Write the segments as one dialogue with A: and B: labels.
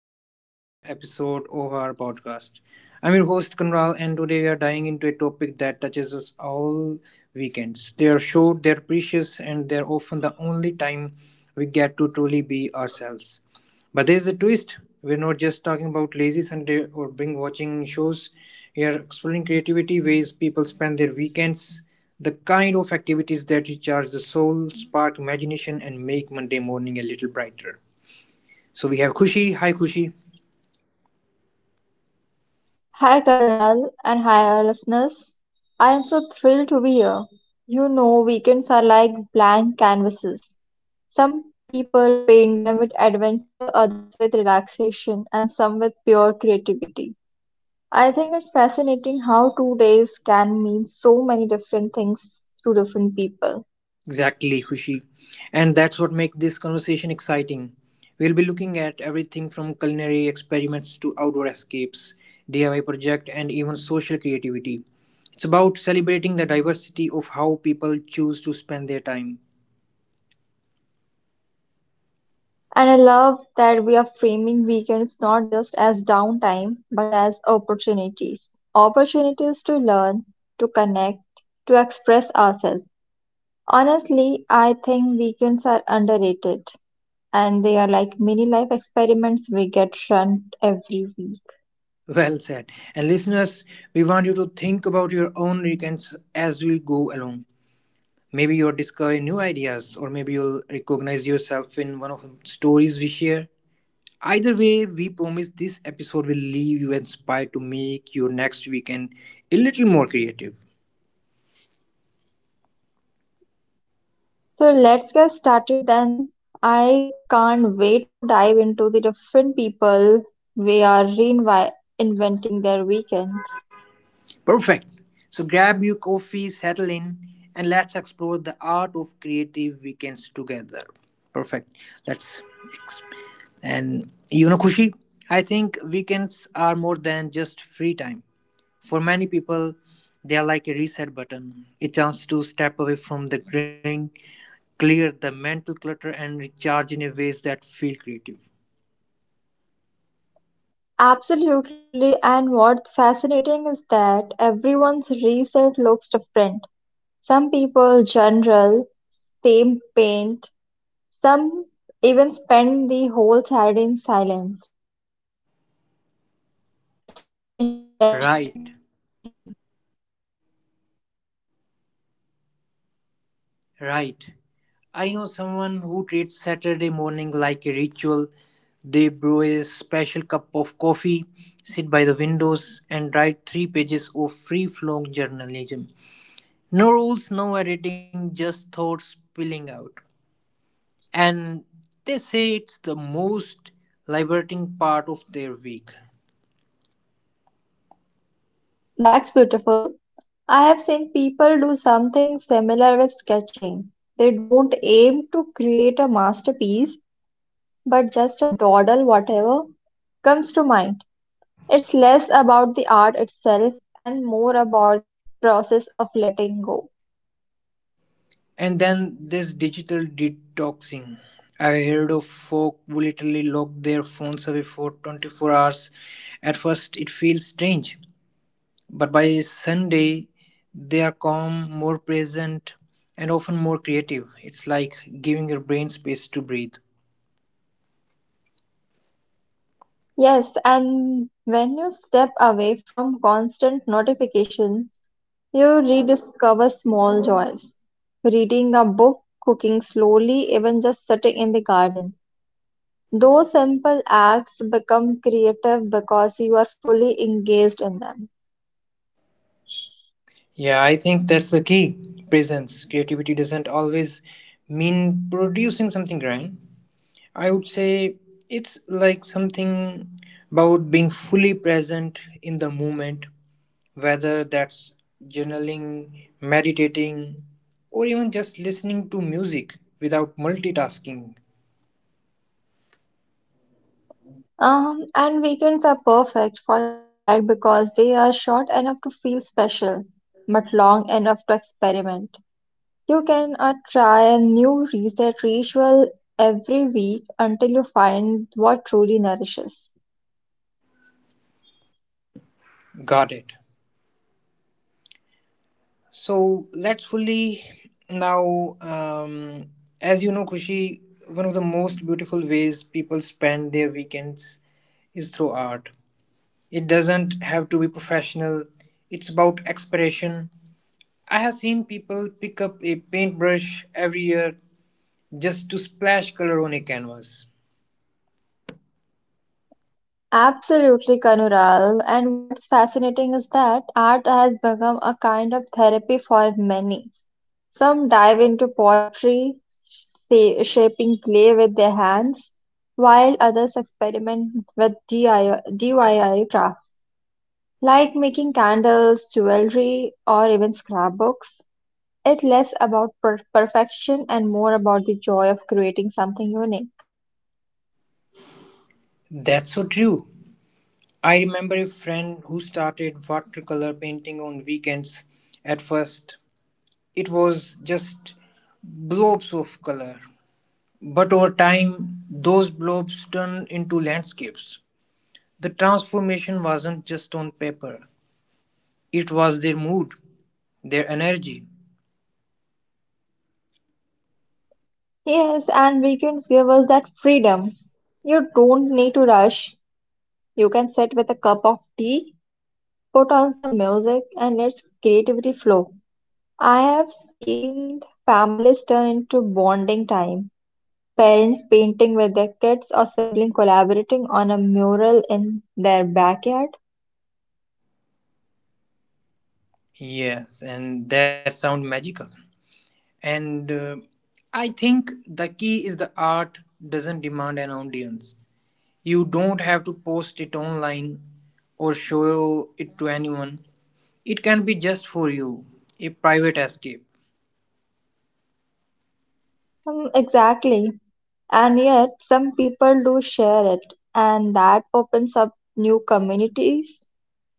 A: back to another episode of our podcast. I'm your host Kunral, and today we are diving into a topic that touches us all weekends. They are short, they're precious, and they're often the only time we get to truly be ourselves. But there's a twist. We're not just talking about lazy Sunday or binge watching shows. We are exploring creativity, ways people spend their weekends, the kind of activities that recharge the soul, spark imagination, and make Monday morning a little brighter. So we have Kushi. Hi, Kushi.
B: Hi Karnal and hi our listeners. I am so thrilled to be here. You know, weekends are like blank canvases. Some people paint them with adventure, others with relaxation, and some with pure creativity. I think it's fascinating how 2 days can mean so many different things to different people.
A: Exactly, Kushi. And that's what makes this conversation exciting. We'll be looking at everything from culinary experiments to outdoor escapes, DIY project, and even social creativity. It's about celebrating the diversity of how people choose to spend their time.
B: And I love that we are framing weekends not just as downtime, but as opportunities. Opportunities to learn, to connect, to express ourselves. Honestly, I think weekends are underrated and they are like mini life experiments we get run every week.
A: Well said. And listeners, we want you to think about your own weekends as we go along. Maybe you'll discover new ideas, or maybe you'll recognize yourself in one of the stories we share. Either way, we promise this episode will leave you inspired to make your next weekend a little more creative.
B: So let's get started then. I can't wait to dive into the different people we are reinventing their weekends.
A: Perfect. So grab your coffee, settle in, and let's explore the art of creative weekends together. Perfect. Let's. And you know, Kushi, I think weekends are more than just free time. For many people, they are like a reset button, a chance to step away from the grind, clear the mental clutter, and recharge in a ways that feel creative.
B: Absolutely, and what's fascinating is that everyone's reset looks different. Some people general, same paint, some even spend the whole Saturday in silence. It's not just rest, it's intentional
A: Right,
B: creativity.
A: right. I know someone who treats Saturday morning like a ritual. They brew a special cup of coffee, sit by the windows, and write three pages of free flowing journalism. No rules, no editing, just thoughts spilling out. And they say it's the most liberating part of their week.
B: That's beautiful. I have seen people do something similar with sketching. They don't aim to create a masterpiece, but just a dawdle, whatever comes to mind. It's less about the art itself and more about the process of letting go.
A: And then there's digital detoxing. I have heard of folk who literally lock their phones away for 24 hours. At first, it feels strange, but by Sunday, they are calm, more present, and often more creative. It's like giving your brain space to breathe.
B: Yes, and when you step away from constant notification, you rediscover small joys. Reading a book, cooking slowly, even just sitting in the garden. Those simple acts become creative because you are fully engaged in them.
A: Yeah, I think that's the key presence. Creativity doesn't always mean producing something grand, I would say it's like something about being fully present in the moment, whether that's journaling, meditating, or even just listening to music without multitasking.
B: And weekends are perfect for that because they are short enough to feel special, but long enough to experiment. You can try a new reset ritual every week until you find what truly nourishes.
A: Got it. So let's fully now, as you know, Kushi, one of the most beautiful ways people spend their weekends is through art. It doesn't have to be professional, it's about expression. I have seen people pick up a paintbrush every year just to splash color on a canvas.
B: Absolutely, Kanural. And what's fascinating is that art has become a kind of therapy for many. Some dive into pottery, shaping clay with their hands, while others experiment with DIY craft, like making candles, jewelry, or even scrapbooks. It's less about perfection and more about the joy of creating something unique.
A: That's so true. I remember a friend who started watercolor painting on weekends. At first, it was just blobs of color, but over time, those blobs turned into landscapes. The transformation wasn't just on paper, it was their mood, their energy.
B: Yes, and weekends give us that freedom. You don't need to rush. You can sit with a cup of tea, put on some music, and let creativity flow. I have seen families turn into bonding time. Parents painting with their kids or siblings collaborating on a mural in their backyard.
A: Yes, and that sounds magical. And I think the key is the art doesn't demand an audience. You don't have to post it online or show it to anyone. It can be just for you, a private escape.
B: Exactly. And yet, some people do share it, and that opens up new communities.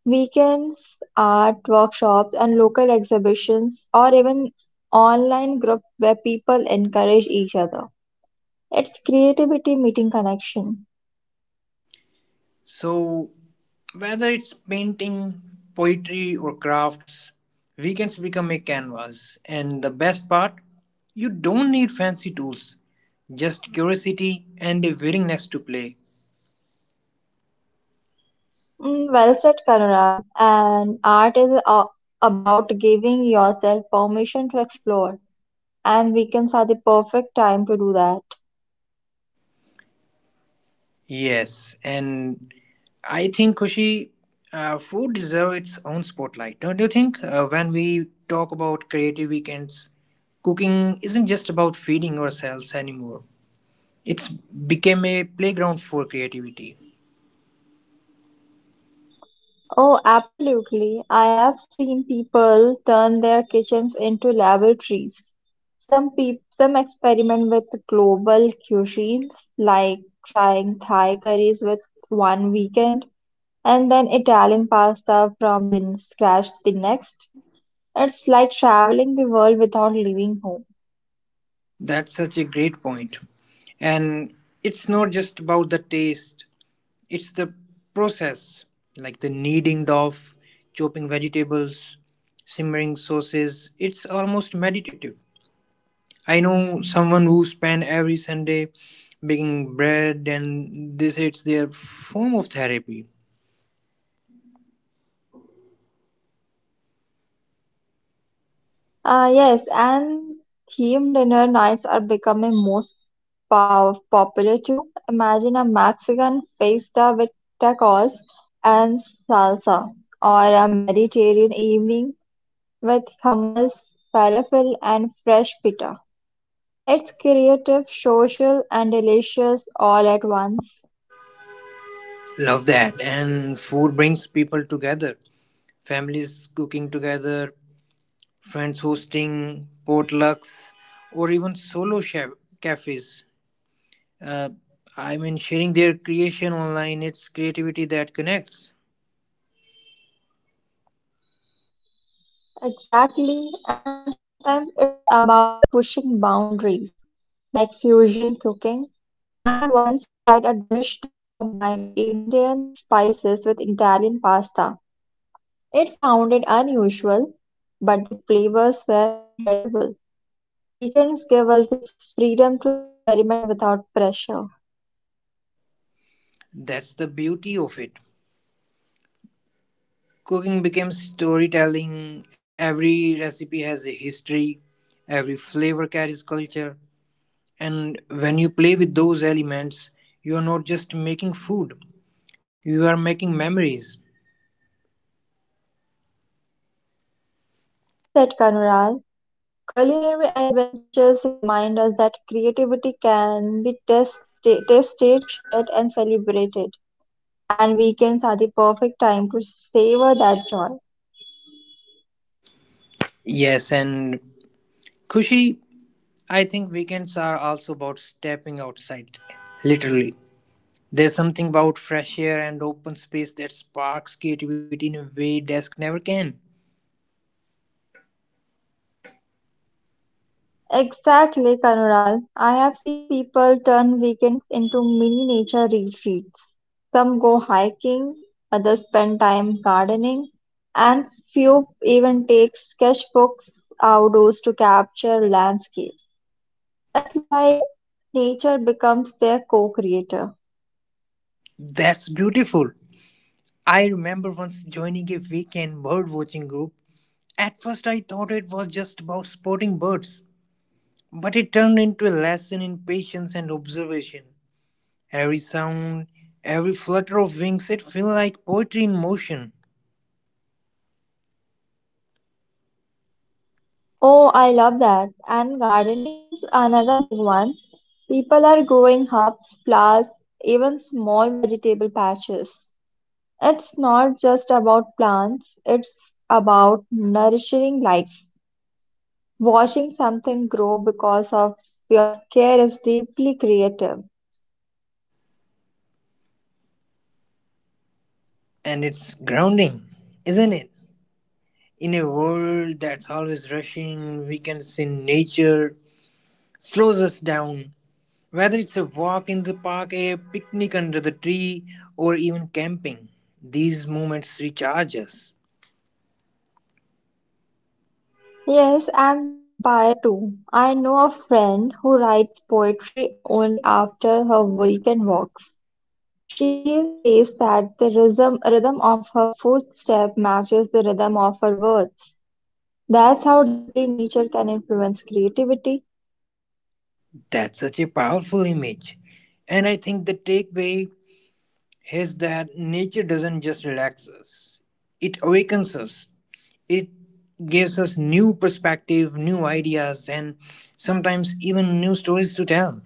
B: Weekends, art workshops, and local exhibitions, or even online group where people encourage each other. It's creativity meeting connection.
A: So, whether it's painting, poetry, or crafts, weekends become a canvas. And the best part, you don't need fancy tools, just curiosity and a willingness to play.
B: Well said, Karunal. And art is about giving yourself permission to explore, and weekends are the perfect time to do that.
A: Yes, and I think Kushi, food deserves its own spotlight, don't you think? When we talk about creative weekends, cooking isn't just about feeding ourselves anymore. It's became a playground for creativity.
B: Oh, absolutely. I have seen people turn their kitchens into laboratories. Some experiment with global cuisines, like trying Thai curries with one weekend and then Italian pasta from the scratch the next. It's like traveling the world without leaving home.
A: That's such a great point. And it's not just about the taste, it's the process, like the kneading dough, chopping vegetables, simmering sauces. It's almost meditative. I know someone who spend every Sunday baking bread and this is their form of therapy.
B: Yes, and theme dinner nights are becoming most popular too. Imagine a Mexican fiesta with tacos and salsa, or a Mediterranean evening with hummus, falafel, and fresh pita. It's creative, social, and delicious all at once.
A: Love that. And food brings people together. Families cooking together, friends hosting potlucks, or even solo chef cafes. Uh, I mean, sharing their creation online, it's creativity that connects.
B: Exactly, and sometimes it's about pushing boundaries, like fusion cooking. I once tried a dish that combined Indian spices with Italian pasta. It sounded unusual, but the flavors were incredible. Weekends give us the freedom to experiment without pressure.
A: That's the beauty of it. Cooking became storytelling. Every recipe has a history, every flavor carries culture, and when you play with those elements, you are not just making food, you are making memories.
B: Well said, Kanural. Culinary adventures remind us that creativity can be tested, shared, and celebrated. And weekends are the perfect time to savor that joy.
A: Yes, and Kushi, I think weekends are also about stepping outside, literally. There's something about fresh air and open space that sparks creativity in a way desk never can.
B: Exactly, Kanural. I have seen people turn weekends into mini nature retreats. Some go hiking, others spend time gardening, and few even take sketchbooks outdoors to capture landscapes. It's like nature becomes their co-creator.
A: That's beautiful. I remember once joining a weekend bird watching group. At first, I thought it was just about spotting birds, but it turned into a lesson in patience and observation. Every sound, every flutter of wings, it feels like poetry in motion,
B: Oh, I love that. And gardening is another big one. People are growing herbs, flowers, even small vegetable patches. It's not just about plants, it's about nourishing life. Watching something grow because of your care is deeply creative.
A: and it's grounding, isn't it? In a world that's always rushing, weekends in nature slows us down. Whether it's a walk in the park, a picnic under the tree, or even camping, these moments recharge us.
B: Yes, and they inspire too. I know a friend who writes poetry only after her weekend walks. She says that the rhythm of her footstep matches the rhythm of her words. That's how deeply nature can influence creativity.
A: That's such a powerful image. And I think the takeaway is that nature doesn't just relax us, it awakens us. It gives us new perspective, new ideas, and sometimes even new stories to tell.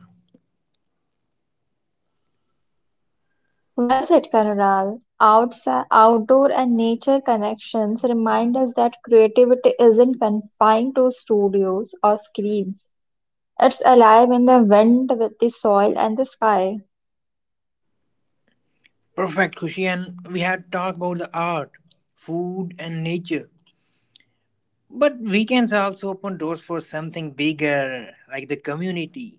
B: Well said, Karunal. Outside, outdoor and nature connections remind us that creativity isn't confined to studios or screens. It's alive in the wind, with the soil, and the sky.
A: Perfect, Kushi. And we had talked about the art, food, and nature. But weekends also open doors for something bigger, like the community.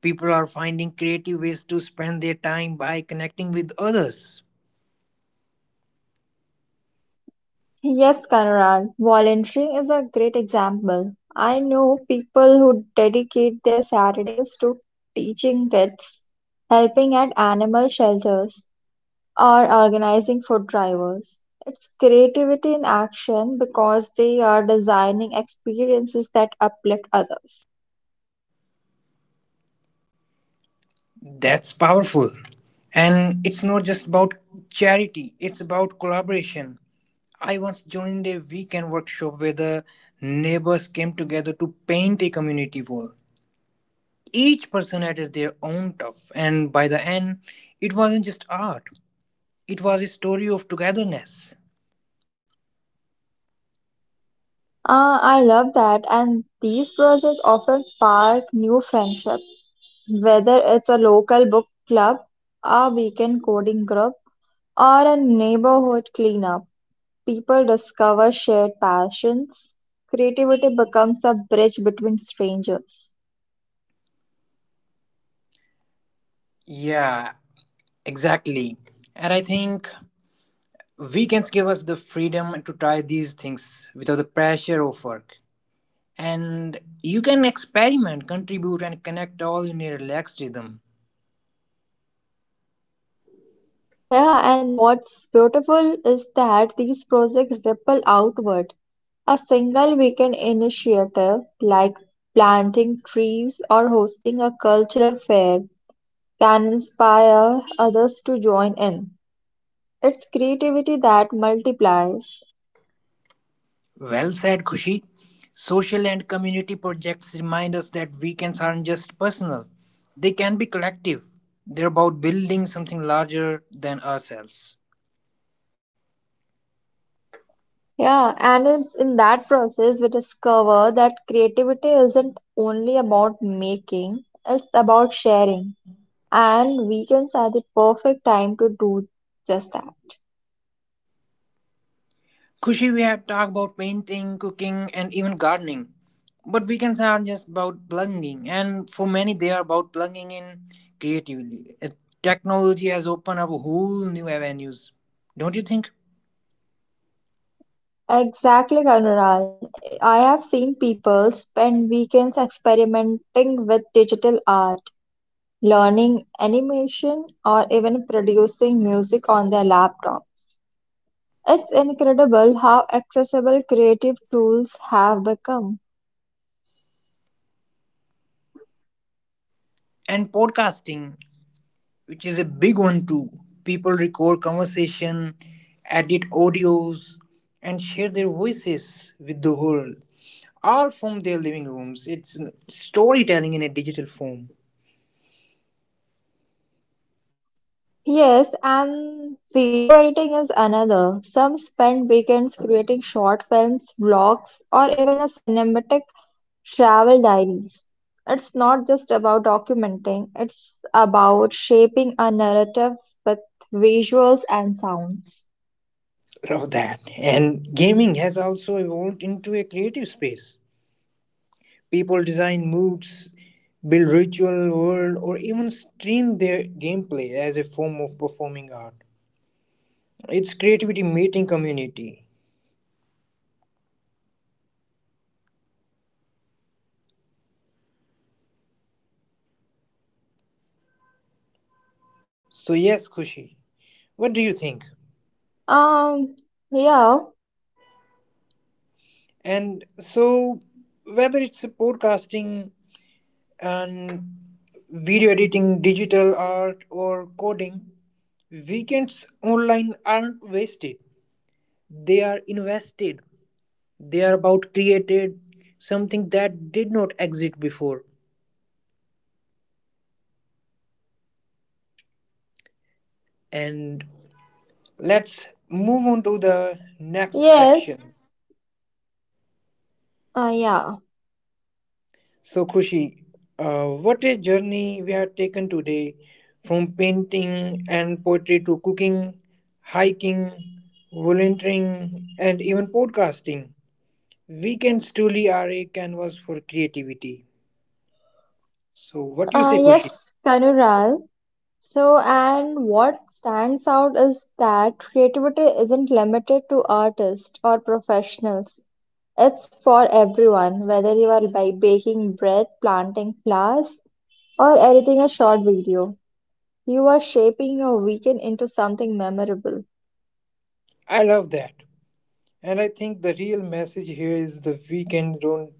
A: People are finding creative ways to spend their time by connecting with others.
B: Yes, Conrad, volunteering is a great example. I know people who dedicate their Saturdays to teaching kids, helping at animal shelters, or organizing food drivers. It's creativity in action because they are designing experiences that uplift others.
A: That's powerful. And it's not just about charity, it's about collaboration. I once joined a weekend workshop where the neighbors came together to paint a community wall. Each person added their own stuff, and by the end, it wasn't just art, it was a story of togetherness.
B: Ah, I love that, and these projects often spark new friendships, whether it's a local book club, a weekend coding group, or a neighborhood cleanup, people discover shared passions. Creativity becomes a bridge between strangers.
A: Yeah, exactly. And I think weekends give us the freedom to try these things without the pressure of work. And you can experiment, contribute, and connect all in a relaxed rhythm.
B: Yeah, and what's beautiful is that these projects ripple outward. A single weekend initiative, like planting trees or hosting a cultural fair, can inspire others to join in. It's creativity that multiplies.
A: Well said, Kushi. Social and community projects remind us that weekends aren't just personal, they can be collective. They're about building something larger than ourselves.
B: Yeah, and in that process, we discover that creativity isn't only about making, it's about sharing. And weekends are the perfect time to do just that.
A: Kushi, we have talked about painting, cooking, and even gardening. But weekends are just about plugging, and for many, they are about plugging in creatively. Technology has opened up whole new avenues, don't you think?
B: Exactly, Kanural. I have seen people spend weekends experimenting with digital art, learning animation, or even producing music on their laptops. It's incredible how accessible creative tools have become.
A: And podcasting, which is a big one too. People record conversation, edit audios, and share their voices with the world, all from their living rooms. It's storytelling in a digital form.
B: Yes, and video editing is another. Some spend weekends creating short films, vlogs, or even a cinematic travel diaries. It's not just about documenting, it's about shaping a narrative with visuals and sounds.
A: Love that. And gaming has also evolved into a creative space. People design moods, build ritual world, or even stream their gameplay as a form of performing art. It's creativity meeting community. So, yes, Kushi, what do you think?
B: Um, yeah,
A: And so, whether it's podcasting and video editing, digital art, or coding, weekends online aren't wasted. They are invested. They are about created something that did not exist before. And let's move on to the next
B: yes,
A: section.
B: uh, yeah,
A: So, Khushi, what a journey we have taken today from painting and poetry to cooking, hiking, volunteering, and even podcasting. Weekends truly are a canvas for creativity. So, what you say,
B: uh,
A: Khushi?
B: yes, Kanural. So, and what stands out is that creativity isn't limited to artists or professionals. It's for everyone, whether you are by baking bread, planting flowers, or editing a short video. You are shaping your weekend into something memorable.
A: I love that. And I think the real message here is the weekends don't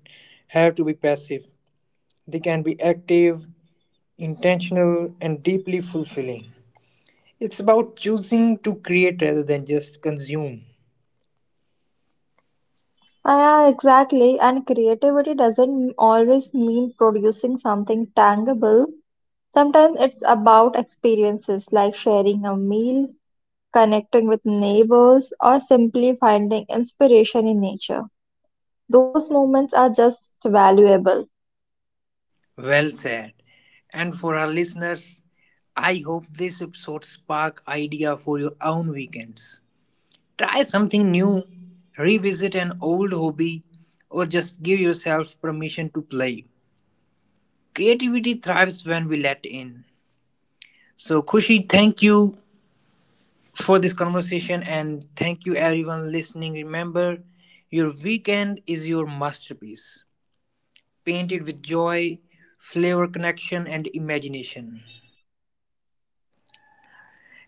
A: have to be passive, they can be active, intentional, and deeply fulfilling. It's about choosing to create rather than just consume.
B: Ah, yeah, exactly. And creativity doesn't always mean producing something tangible. Sometimes it's about experiences like sharing a meal, connecting with neighbors, or simply finding inspiration in nature. Those moments are just valuable.
A: Well said. And for our listeners, I hope this episode spark idea for your own weekends. Try something new, revisit an old hobby, or just give yourself permission to play. Creativity thrives when we let in. So Kushi, thank you for this conversation and thank you everyone listening. Remember, your weekend is your masterpiece, painted with joy, flavor, connection, and imagination.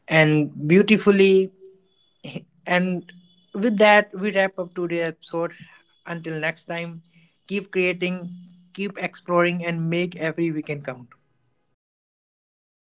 A: And beautifully, and with that, we wrap up today's episode. Until next time, keep creating, keep exploring, and make every weekend count.